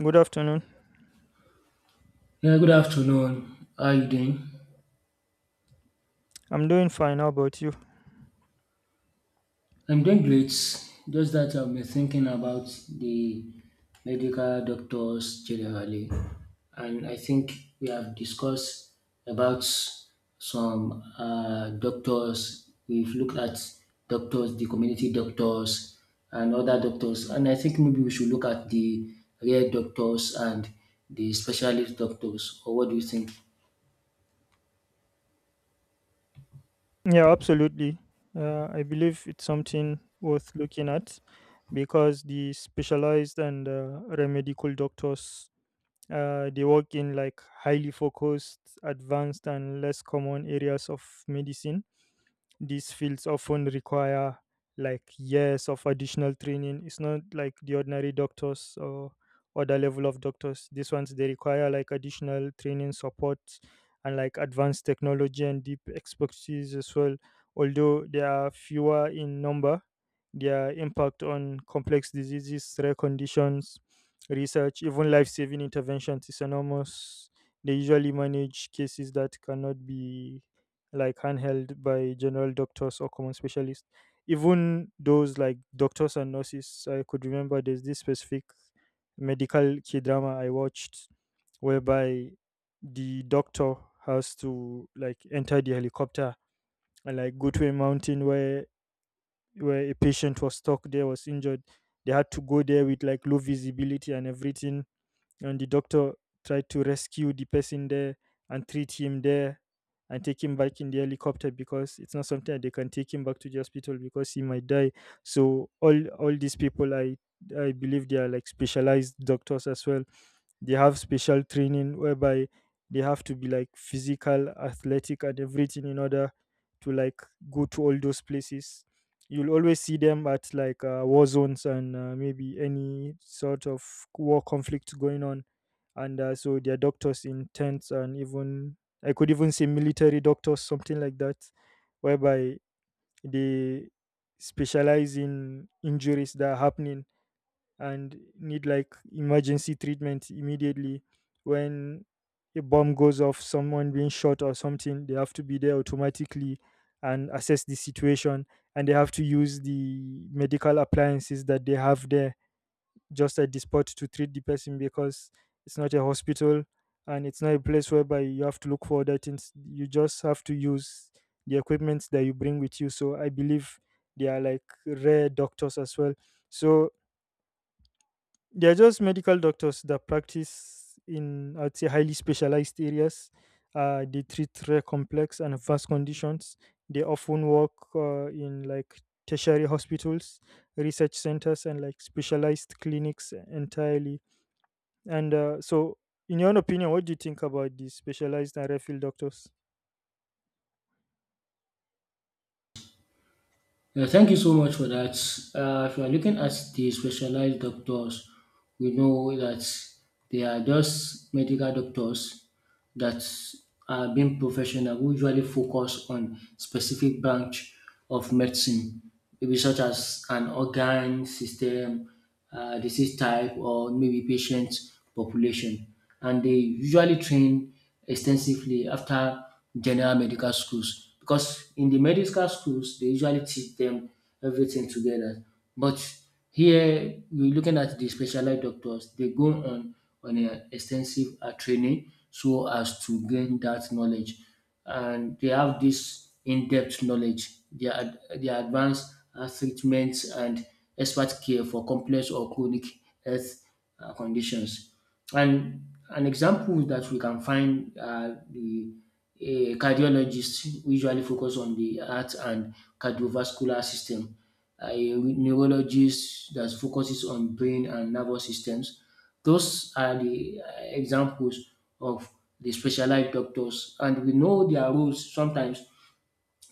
Good afternoon. Yeah, good afternoon. How are you doing? I'm doing fine. How about you? I'm doing great. Just that I've been thinking about the medical doctors generally, and I think we have discussed about some doctors. We've looked at doctors, the community doctors, and other doctors, and I think maybe we should look at the rare doctors and the specialist doctors. Or what do you think? Yeah, absolutely. I believe it's something worth looking at because the specialized and remedical doctors. They work in like highly focused, advanced, and less common areas of medicine. These fields often require like years of additional training. It's not like the ordinary doctors or other level of doctors. These ones they require like additional training support and like advanced technology and deep expertise as well. Although they are fewer in number, their impact on complex diseases, rare conditions, research, even life saving interventions is enormous. They usually manage cases that cannot be like handheld by general doctors or common specialists. Even those like doctors and nurses, I could remember there's this specific medical key drama I watched whereby the doctor has to like enter the helicopter and like go to a mountain where a patient was stuck, there was injured. They had to go there with like low visibility and everything, and the doctor tried to rescue the person there and treat him there and take him back in the helicopter, because it's not something that they can take him back to the hospital because he might die. So all these people I believe they are like specialized doctors as well. They have special training whereby they have to be like physical, athletic, and everything in order to like go to all those places. You'll always see them at like war zones and maybe any sort of war conflict going on. And so their doctors in tents, and even, I could even say, military doctors, something like that, whereby they specialize in injuries that are happening and need like emergency treatment immediately. When a bomb goes off, someone being shot or something, they have to be there automatically and assess the situation, and they have to use the medical appliances that they have there just at the spot to treat the person, because it's not a hospital and it's not a place whereby you have to look for other things. You just have to use the equipment that you bring with you, so I believe they are like rare doctors as well. So they're just medical doctors that practice in, I'd say, highly specialized areas. They treat rare complex and advanced conditions. They often work in like tertiary hospitals, research centers and like specialized clinics entirely. And uh, so, in your own opinion, what do you think about the specialized and refill doctors? Yeah, thank you so much for that. If you are looking at the specialized doctors, we know that they are just medical doctors that are being professional who usually focus on specific branch of medicine, maybe such as an organ system, disease type or maybe patient population. And they usually train extensively after general medical schools, because in the medical schools they usually teach them everything together. But here we're looking at the specialized doctors. They go on an extensive training so as to gain that knowledge, and they have this in-depth knowledge. They are advanced health treatments and expert care for complex or chronic health conditions. And an example that we can find are the a cardiologist usually focus on the heart and cardiovascular system. A neurologist that focuses on brain and nervous systems. Those are the examples of the specialized doctors, and we know their roles sometimes.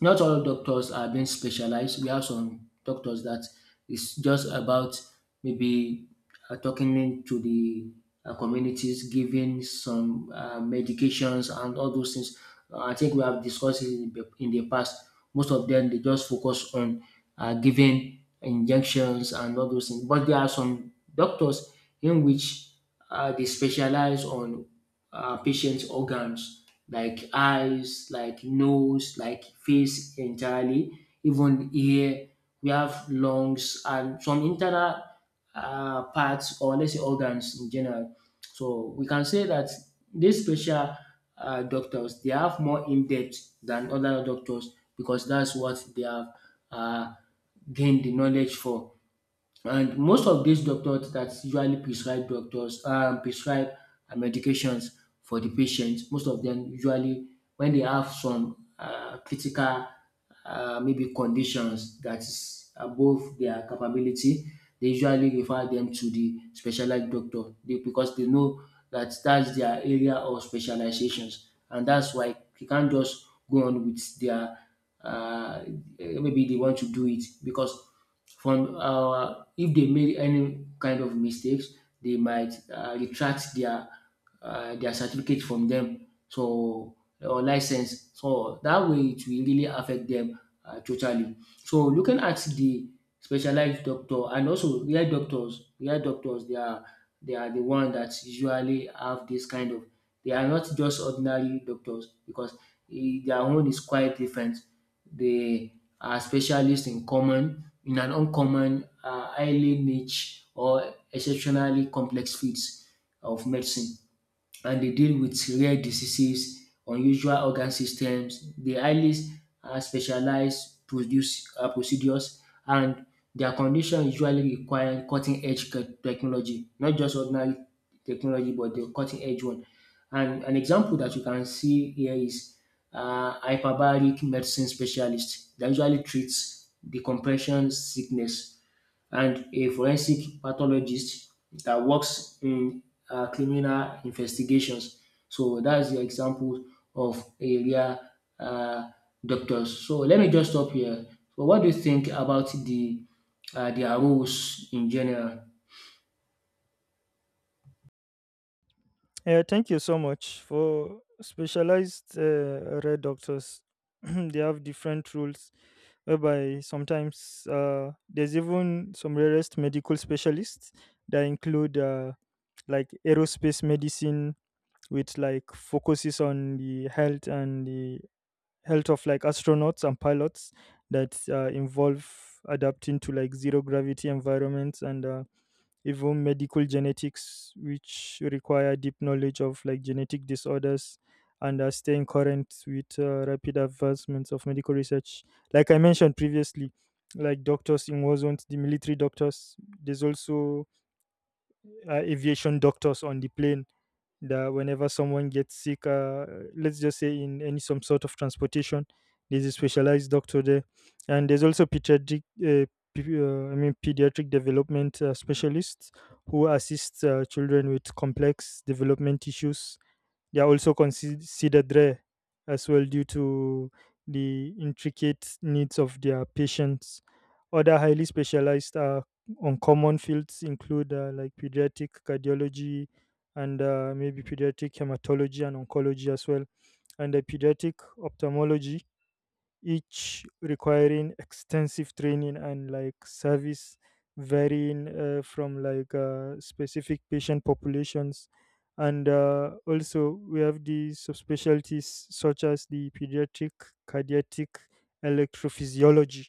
Not all doctors are being specialized. We have some doctors that is just about maybe talking into the communities, giving some medications and all those things. I think we have discussed it in the past. Most of them, they just focus on giving injections and all those things. But there are some doctors in which they specialize on patients' organs like eyes, like nose, like face entirely, even ear. We have lungs and some internal parts, or let's say organs in general. So we can say that these special doctors, they have more in-depth than other doctors, because that's what they have um gained the knowledge for. And most of these doctors that usually prescribe doctors prescribe medications for the patients, most of them usually, when they have some critical maybe conditions that is above their capability, they usually refer them to the specialized doctor they, because they know that that's their area of specializations, and that's why you can't just go on with their uh, maybe they want to do it, because from if they made any kind of mistakes, they might retract their certificate from them. So or license. So that way it will really affect them totally. So looking at the specialized doctor and also real doctors they are the one that usually have this kind of they are not just ordinary doctors, because their own is quite different. They are specialists in common, in an uncommon, highly niche or exceptionally complex fields of medicine, and they deal with rare diseases, unusual organ systems. They highly specialized produce procedures, and their condition usually require cutting edge technology, not just ordinary technology, but the cutting edge one. And an example that you can see here is hyperbaric medicine specialist that usually treats decompression sickness, and a forensic pathologist that works in criminal investigations. So that's the example of area uh, doctors. So let me just stop here. So what do you think about the their roles in general? Yeah, thank you so much for specialized red doctors. They have different rules whereby sometimes there's even some rarest medical specialists that include like aerospace medicine, which like focuses on the health of like astronauts and pilots, that involve adapting to like zero gravity environments, and even medical genetics, which require deep knowledge of like genetic disorders and staying current with rapid advancements of medical research. Like I mentioned previously, like doctors in war zones, the military doctors, there's also aviation doctors on the plane, that whenever someone gets sick, let's just say in any some sort of transportation, there's a specialized doctor there. And there's also pediatric, I mean pediatric development specialists who assist children with complex development issues. They are also considered rare as well due to the intricate needs of their patients. Other highly specialized uncommon fields include like pediatric cardiology and maybe pediatric hematology and oncology as well, and pediatric ophthalmology, each requiring extensive training and like service, varying from like specific patient populations. And also we have the subspecialties such as the pediatric cardiac electrophysiology,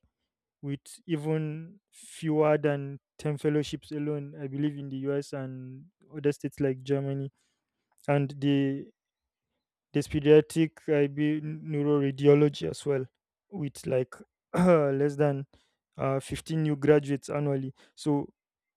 with even fewer than 10 fellowships alone, I believe, in the US, and other states like Germany and the. There's pediatric IB neuroradiology as well, with like less than 15 new graduates annually. So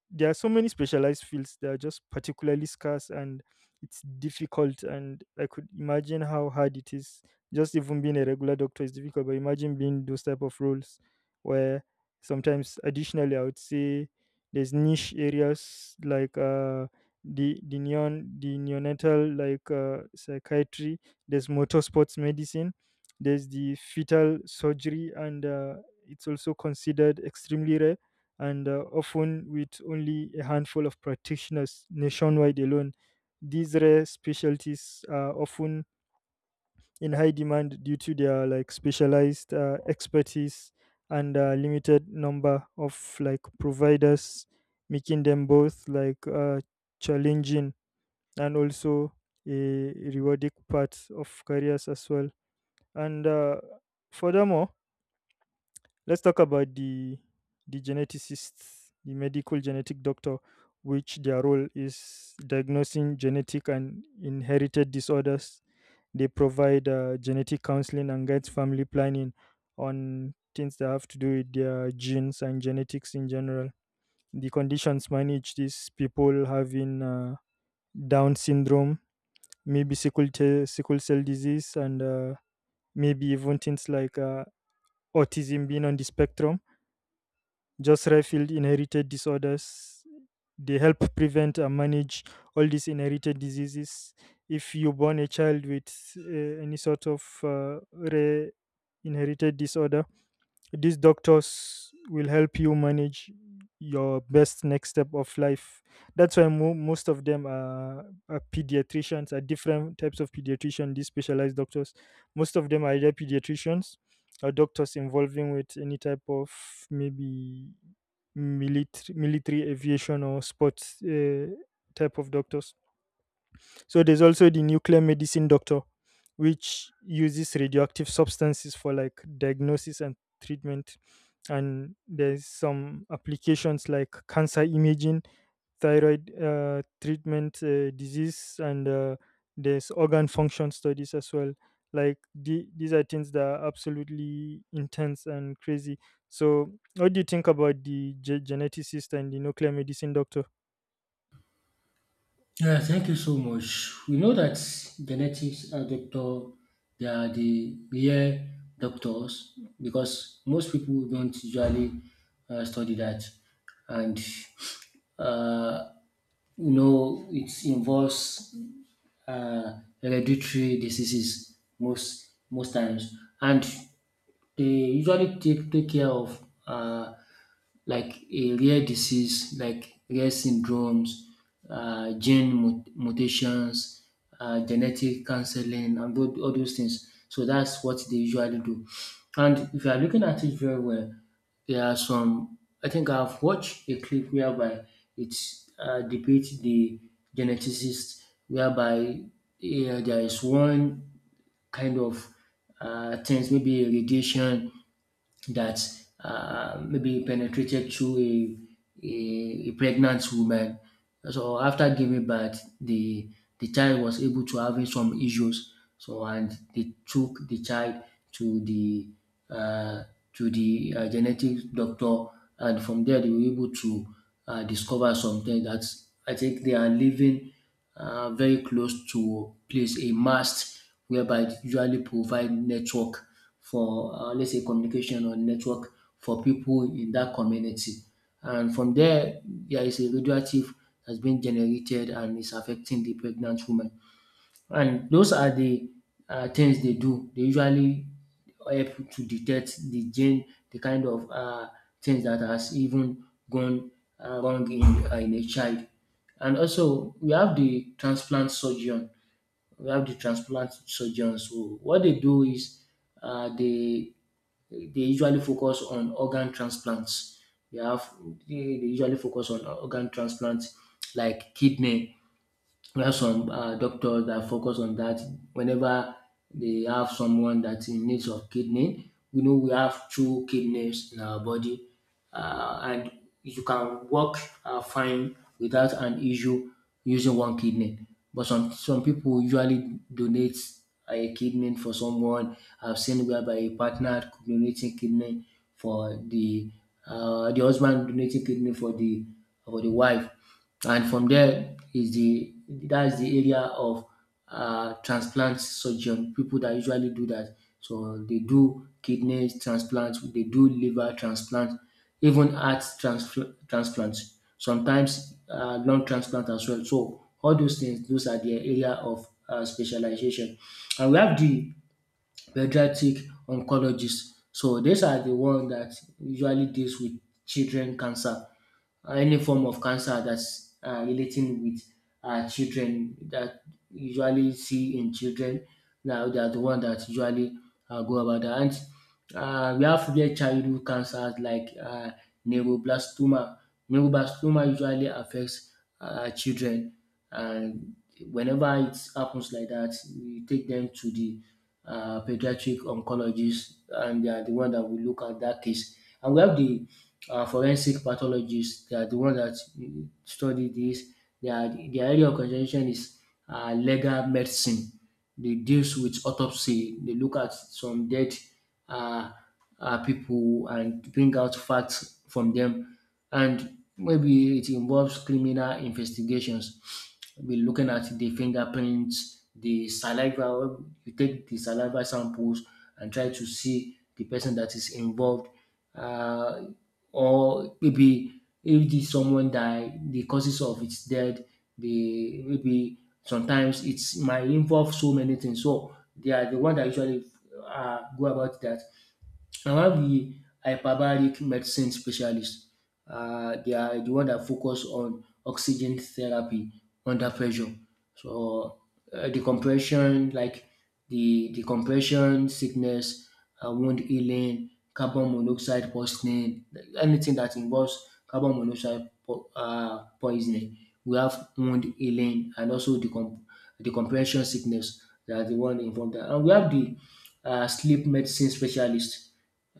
there are so many specialized fields that are just particularly scarce, and it's difficult, and I could imagine how hard it is. Just even being a regular doctor is difficult, but imagine being those type of roles where sometimes additionally, I would say, there's niche areas like the neon the neonatal like psychiatry. There's motor sports medicine. There's the fetal surgery, and it's also considered extremely rare, and often with only a handful of practitioners nationwide alone. These rare specialties are often in high demand due to their like specialized expertise and limited number of like providers, making them both like challenging and also a rewarding part of careers as well. And furthermore, let's talk about the geneticists, the medical genetic doctor, which their role is diagnosing genetic and inherited disorders. They provide genetic counseling and guides family planning on things that have to do with their genes and genetics in general. The conditions manage these people having Down syndrome, maybe sickle cell disease, and maybe even things like autism, being on the spectrum, just Redfield inherited disorders. They help prevent and manage all these inherited diseases. If you born a child with any sort of rare inherited disorder, these doctors will help you manage your best next step of life. That's why most of them are pediatricians, are different types of pediatrician, these specialized doctors. Most of them are either pediatricians or doctors involving with any type of, maybe, military aviation or sports type of doctors. So there's also the nuclear medicine doctor, which uses radioactive substances for like diagnosis and treatment. And there's some applications like cancer imaging, thyroid treatment, disease, and there's organ function studies as well. Like the, these are things that are absolutely intense and crazy. So, what do you think about the geneticist and the nuclear medicine doctor? Yeah, thank you so much. We know that genetics are doctor, they are the real doctors because most people don't usually study that, and you know it involves hereditary diseases most times, and they usually take care of like a rare disease, like rare syndromes, gene mutations, genetic counseling, and all those things. So that's what they usually do. And if you are looking at it very well, there are some. I think I've watched a clip whereby it depicts the geneticist, whereby yeah, there is one kind of things, maybe a radiation that maybe penetrated through a, a pregnant woman. So after giving birth, the child was able to have some issues. So and they took the child to uh, the genetic doctor, and from there they were able to discover something that I think they are living very close to place a mast whereby it usually provide network for let's say communication or network for people in that community. And from there, there is a radioactive has been generated and is affecting the pregnant woman. And those are the things they do. They usually help to detect the gene, the kind of things that has even gone wrong in a child. And also we have the transplant surgeon. We have the transplant surgeons. So what they do is uh, they they usually focus on organ transplants. They have they usually focus on organ transplants like kidney. We have some doctors that focus on that. Whenever they have someone that's in need of kidney. We know we have two kidneys in our body, and you can work fine without an issue using one kidney. But some people usually donate a kidney for someone. I've seen whereby a partner donating kidney for the husband donating kidney for the wife. And from there is the that's the area of transplant surgeon, people that usually do that. So they do kidney transplant, they do liver transplant, even heart transplants, sometimes lung transplant as well. So all those things, those are the area of specialization. And we have the pediatric oncologists. So these are the ones that usually deals with children cancer, any form of cancer that's relating with children that usually see in children. Now they are the one that usually go about that. And we have rare childhood cancers like neuroblastoma. Neuroblastoma usually affects children, and whenever it happens like that, we take them to the pediatric oncologist, and they are the one that will look at that case. And we have the forensic pathologists. They are the one that study this their area of concentration is legal medicine. They deals with autopsy. They look at some dead uh, people and bring out facts from them. And maybe it involves criminal investigations. We're looking at the fingerprints, the saliva. You take the saliva samples and try to see the person that is involved uh, or maybe if the someone die, the causes of its death, the maybe sometimes it's might involve so many things. So they are the one that usually go about that. I have the hyperbaric medicine specialist. They are the one that focus on oxygen therapy under pressure. So the compression, like the compression sickness, wound healing, carbon monoxide poisoning, anything that involves carbon monoxide poisoning. We have wound healing and also the comprehension sickness. They are the one involved there. And we have the sleep medicine specialist.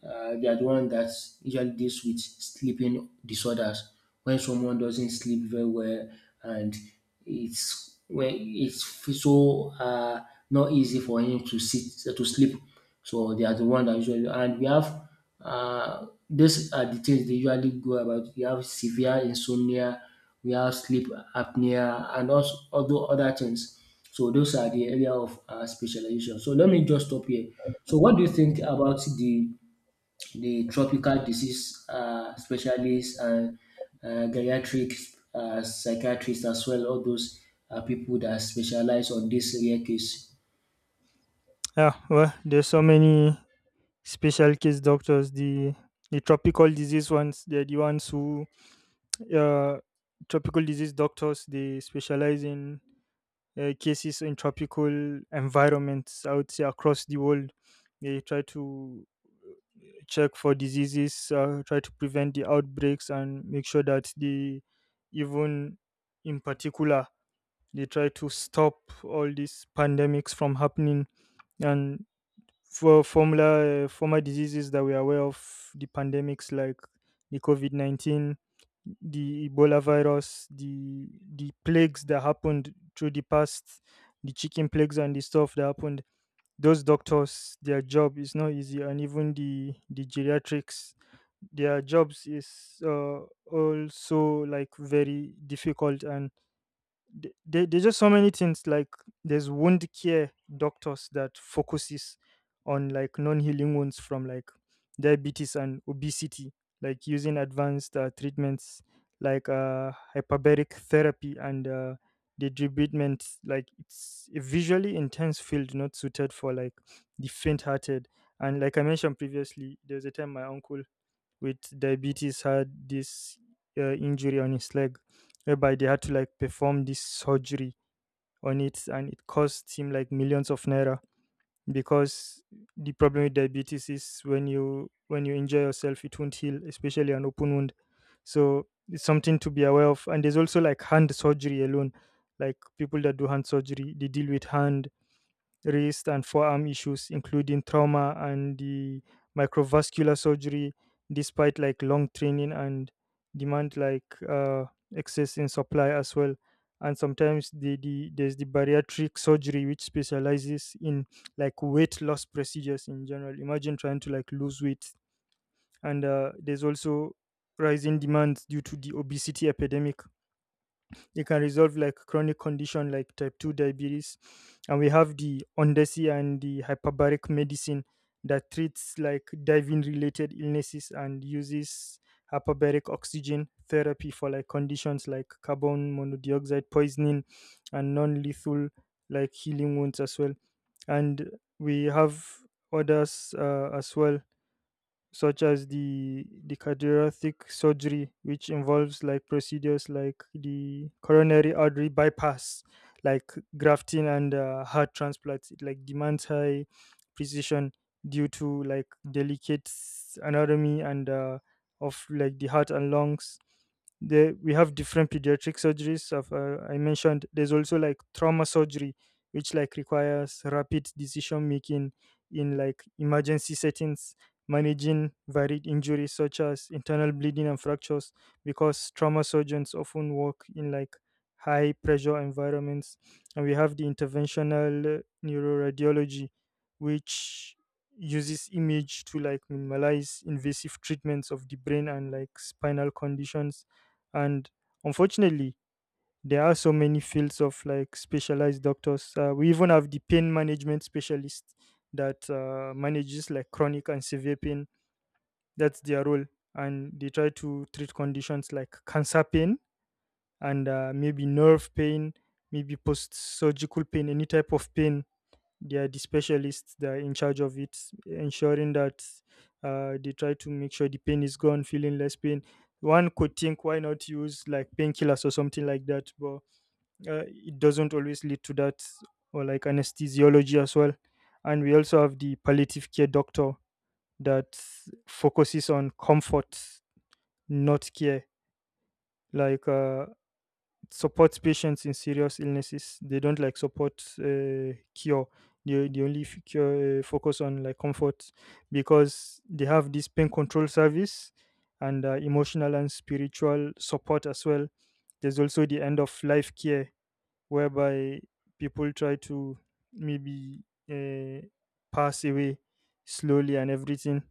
They are the one that usually deals with sleeping disorders. When someone doesn't sleep very well and it's when it's so not easy for him to sit to sleep. So they are the one that usually and we have these are the things they usually go about. You have severe insomnia, we have sleep apnea, and also other things. So those are the area of specialization. So let me just stop here. So what do you think about the tropical disease specialists and geriatric psychiatrists as well? All those people that specialize on this rare case. Yeah, well, there's so many special case doctors. The tropical disease ones, they're the ones who, uh, tropical disease doctors, they specialize in cases in tropical environments. I would say across the world, they try to check for diseases, try to prevent the outbreaks, and make sure that they, even in particular, they try to stop all these pandemics from happening. And for formula former diseases that we are aware of, the pandemics like the COVID-19, the ebola virus, the plagues that happened through the past, the chicken plagues and the stuff that happened. Those doctors, their job is not easy, and even the geriatrics, their jobs is also like very difficult, and there's just so many things. Like there's wound care doctors that focuses on like non-healing wounds from like diabetes and obesity, like using advanced treatments like hyperbaric therapy and the treatment. Like, it's a visually intense field, not suited for like the faint-hearted. And like I mentioned previously, there's a time my uncle with diabetes had this injury on his leg, whereby they had to like perform this surgery on it, and it cost him like millions of naira, because the problem with diabetes is when you injure yourself it won't heal, especially an open wound. So it's something to be aware of. And there's also like hand surgery alone. Like people that do hand surgery, they deal with hand, wrist and forearm issues, including trauma and the microvascular surgery, despite like long training and demand like excess in supply as well. And sometimes there's the bariatric surgery which specializes in like weight loss procedures in general. Imagine trying to like lose weight, and there's also rising demands due to the obesity epidemic. It can resolve like chronic condition like type 2 diabetes. And we have the ondesi and the hyperbaric medicine that treats like diving related illnesses and uses hyperbaric oxygen therapy for like conditions like carbon monoxide poisoning, and non-lethal like healing wounds as well. And we have others as well, such as the cardiothoracic surgery, which involves like procedures like the coronary artery bypass, like grafting and heart transplants. It like demands high precision due to like delicate anatomy and of like the heart and lungs. There we have different pediatric surgeries. Of I mentioned there's also like trauma surgery, which like requires rapid decision making in like emergency settings, managing varied injuries such as internal bleeding and fractures, because trauma surgeons often work in like high pressure environments. And we have the interventional neuroradiology, which uses image to like minimize invasive treatments of the brain and like spinal conditions. And unfortunately, there are so many fields of like specialized doctors. We even have the pain management specialist that manages like chronic and severe pain. That's their role. And they try to treat conditions like cancer pain and maybe nerve pain, maybe post surgical pain, any type of pain. They are the specialists that are in charge of it, ensuring that they try to make sure the pain is gone, feeling less pain. One could think, why not use like painkillers or something like that? But it doesn't always lead to that, or like anesthesiology as well. And we also have the palliative care doctor that focuses on comfort, not care, like uh, support patients in serious illnesses. They don't like support cure. They only focus on like comfort because they have this pain control service and emotional and spiritual support as well. There's also the end of life care whereby people try to maybe uh, pass away slowly and everything.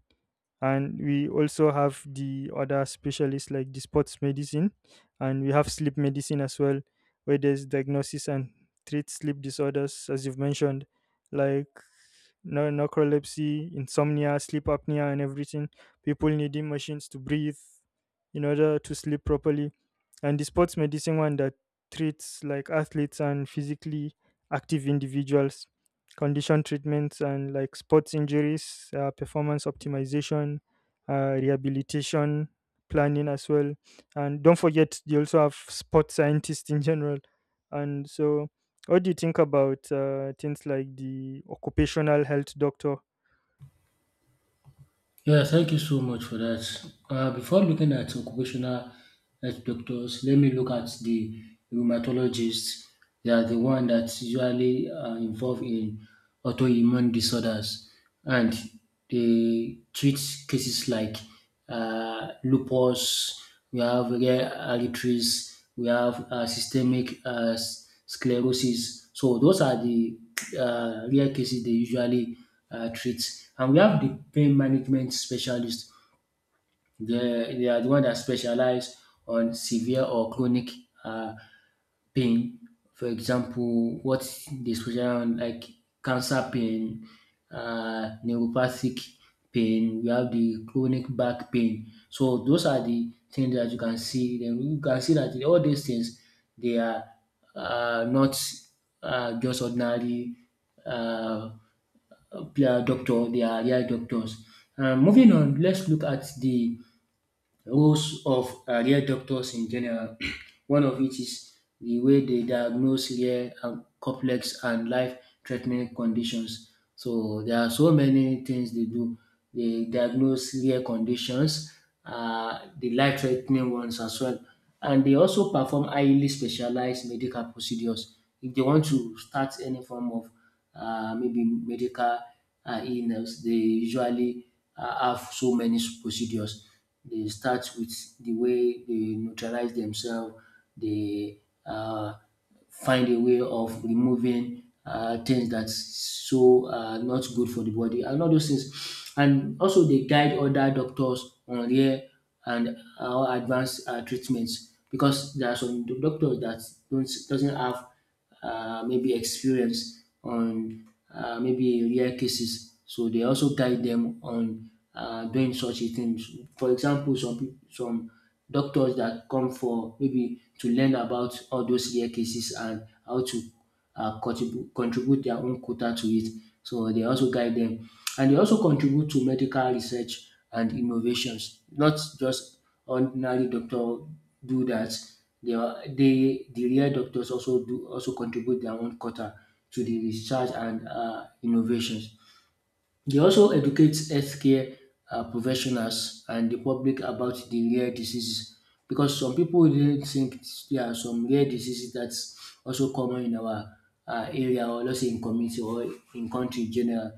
And we also have the other specialists like the sports medicine, and we have sleep medicine as well, where there's diagnosis and treat sleep disorders as you've mentioned, like no narcolepsy, insomnia, sleep apnea, and everything. People needing machines to breathe in order to sleep properly. And the sports medicine one that treats like athletes and physically active individuals, condition treatments and like sports injuries, performance optimization, rehabilitation planning as well. And don't forget, they also have sports scientists in general. And so what do you think about things like the occupational health doctor? Yeah, thank you so much for that. Before looking at occupational health doctors, let me look at the rheumatologists. They are the one that usually are involved in autoimmune disorders, and they treat cases like lupus, we have rare arteries, we have systemic sclerosis. So those are the rare cases they usually treat. And we have the pain management specialist. They are the one that specialize on severe or chronic uh, pain. For example, what they specialize on like cancer pain, neuropathic pain, we have the chronic back pain. So those are the things that you can see. Then you can see that all these things they are not just ordinary uh, doctor, they are real doctors. Moving on, let's look at the roles of real doctors in general. One of it is the way they diagnose rare and complex and life-threatening conditions. So there are so many things they do. They diagnose rare conditions, the life-threatening ones as well, and they also perform highly specialized medical procedures. If they want to start any form of maybe medical illness, they usually have so many procedures. They start with the way they neutralize themselves, they find a way of removing things that's so not good for the body and all those things. And also they guide other doctors on rare and advanced treatments because there are some doctors that don't doesn't have maybe experience on maybe rare cases. So they also guide them on doing such a things. For example, some doctors that come for maybe to learn about all those rare cases and how to contribute their own quota to it. So they also guide them. And they also contribute to medical research and innovations. Not just ordinary doctor do that. The real doctors also do also contribute their own quota to the research and innovations. They also educate healthcare professionals and the public about the rare diseases because some people didn't think there are some rare diseases that's also common in our area, or let's say in community, or in country in general.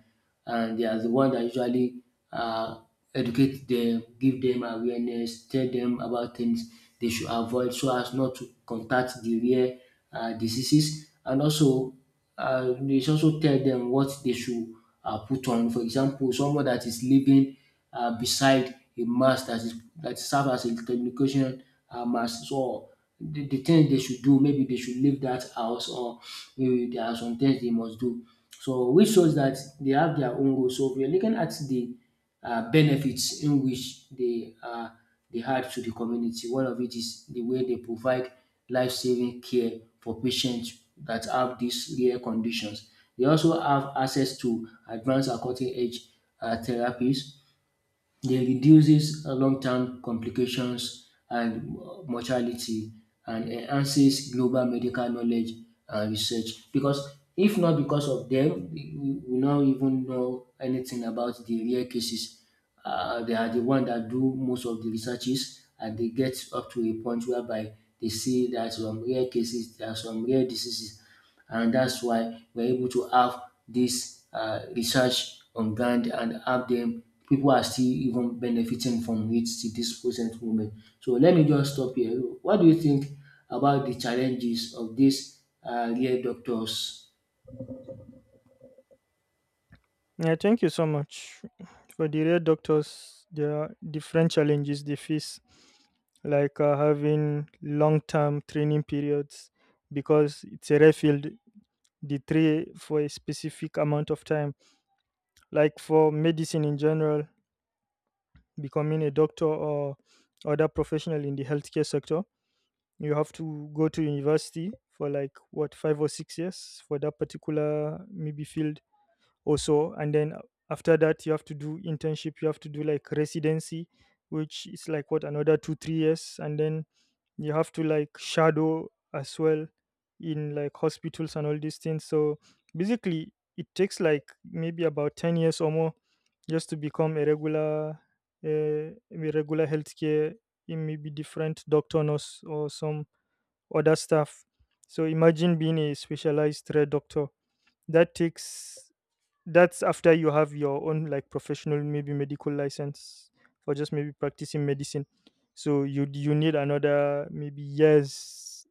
And they are the one that usually uh, educate them, give them awareness, tell them about things they should avoid so as not to contact the rare diseases. And also they also tell them what they should put on. For example, someone that is living beside a mast that is that serves as a communication mast. So the things they should do, maybe they should leave that house, or maybe there are some things they must do. So which shows that they have their own goals. So if you're looking at the benefits in which they add to the community. One of it is the way they provide life-saving care for patients that have these rare conditions. They also have access to advanced and cutting-edge therapies, they reduces long-term complications and mortality and enhances global medical knowledge and research, because if not because of them, we will not even know anything about the rare cases. They are the one that do most of the researches, and they get up to a point whereby they see that some rare cases, there are some rare diseases, and that's why we're able to have this research on ground and have them people are still even benefiting from it to this present moment. So let me just stop here. What do you think about the challenges of these real doctors? Yeah, thank you so much. For the real doctors, there are different challenges they face, like having long term training periods because it's a rare field. The tray for a specific amount of time, like for medicine in general, becoming a doctor or other professional in the healthcare sector, you have to go to university for like what, 5 or 6 years for that particular maybe field or so, and then after that you have to do internship, you have to do like residency, which is like what, another 2 3 years, and then you have to like shadow as well in like hospitals and all these things. So basically it takes like maybe about 10 years or more just to become a regular, a regular healthcare. It may be different doctor, nurse, or some other stuff. So imagine being a specialized red doctor, that takes, that's after you have your own like professional maybe medical license for just maybe practicing medicine. So you need another maybe years,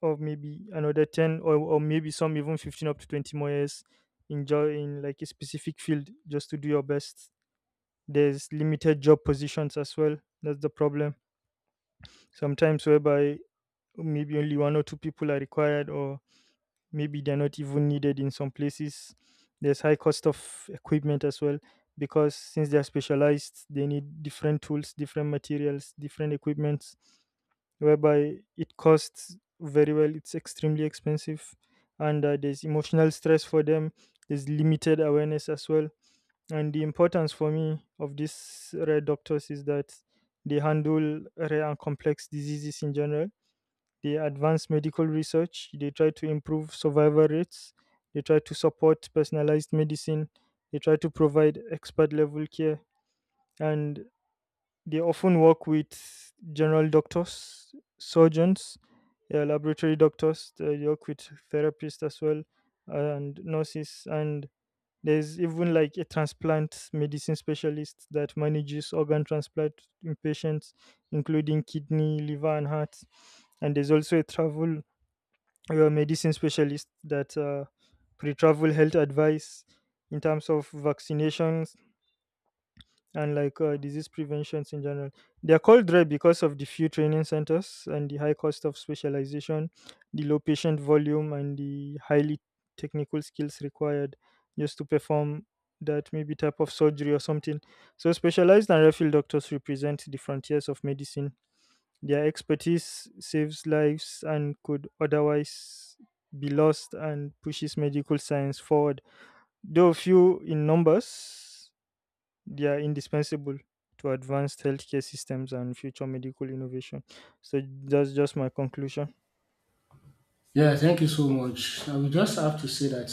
or maybe another 10, or maybe some even 15 up to 20 more years in in like a specific field just to do your best. There's limited job positions as well. That's the problem. Sometimes whereby maybe only one or two people are required, or maybe they're not even needed in some places. There's high cost of equipment as well, because since they're specialized they need different tools, different materials, different equipments, whereby it costs very well, it's extremely expensive. And there's emotional stress for them, there's limited awareness as well. And the importance for me of these rare doctors is that they handle rare and complex diseases in general, they advance medical research, they try to improve survival rates, they try to support personalized medicine, they try to provide expert level care, and they often work with general doctors, surgeons, laboratory doctors. They work with therapists as well, and nurses. And there's even like a transplant medicine specialist that manages organ transplant in patients, including kidney, liver and heart. And there's also a travel, you're a medicine specialist that pre-travel health advice in terms of vaccinations and like disease preventions in general. They're called rare because of the few training centers and the high cost of specialization, the low patient volume and the highly technical skills required just to perform that maybe type of surgery or something. So specialized and rare doctors represent the frontiers of medicine. Their expertise saves lives and could otherwise be lost, and pushes medical science forward. Though few in numbers, they are indispensable to advanced healthcare systems and future medical innovation. So that's just my conclusion. Yeah, thank you so much. I will just have to say that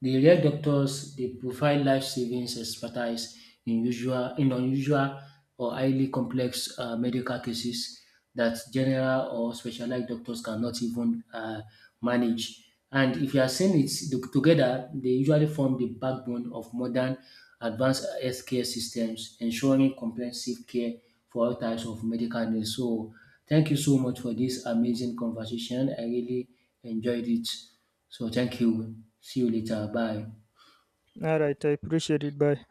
the real doctors, they provide life savings expertise in unusual or highly complex medical cases that general or specialized doctors cannot even manage. And if you are seeing it together, they usually form the backbone of modern advanced healthcare systems, ensuring comprehensive care for all types of medical needs. So thank you so much for this amazing conversation. I really enjoyed it. So thank you. See you later. Bye. All right, I appreciate it. Bye.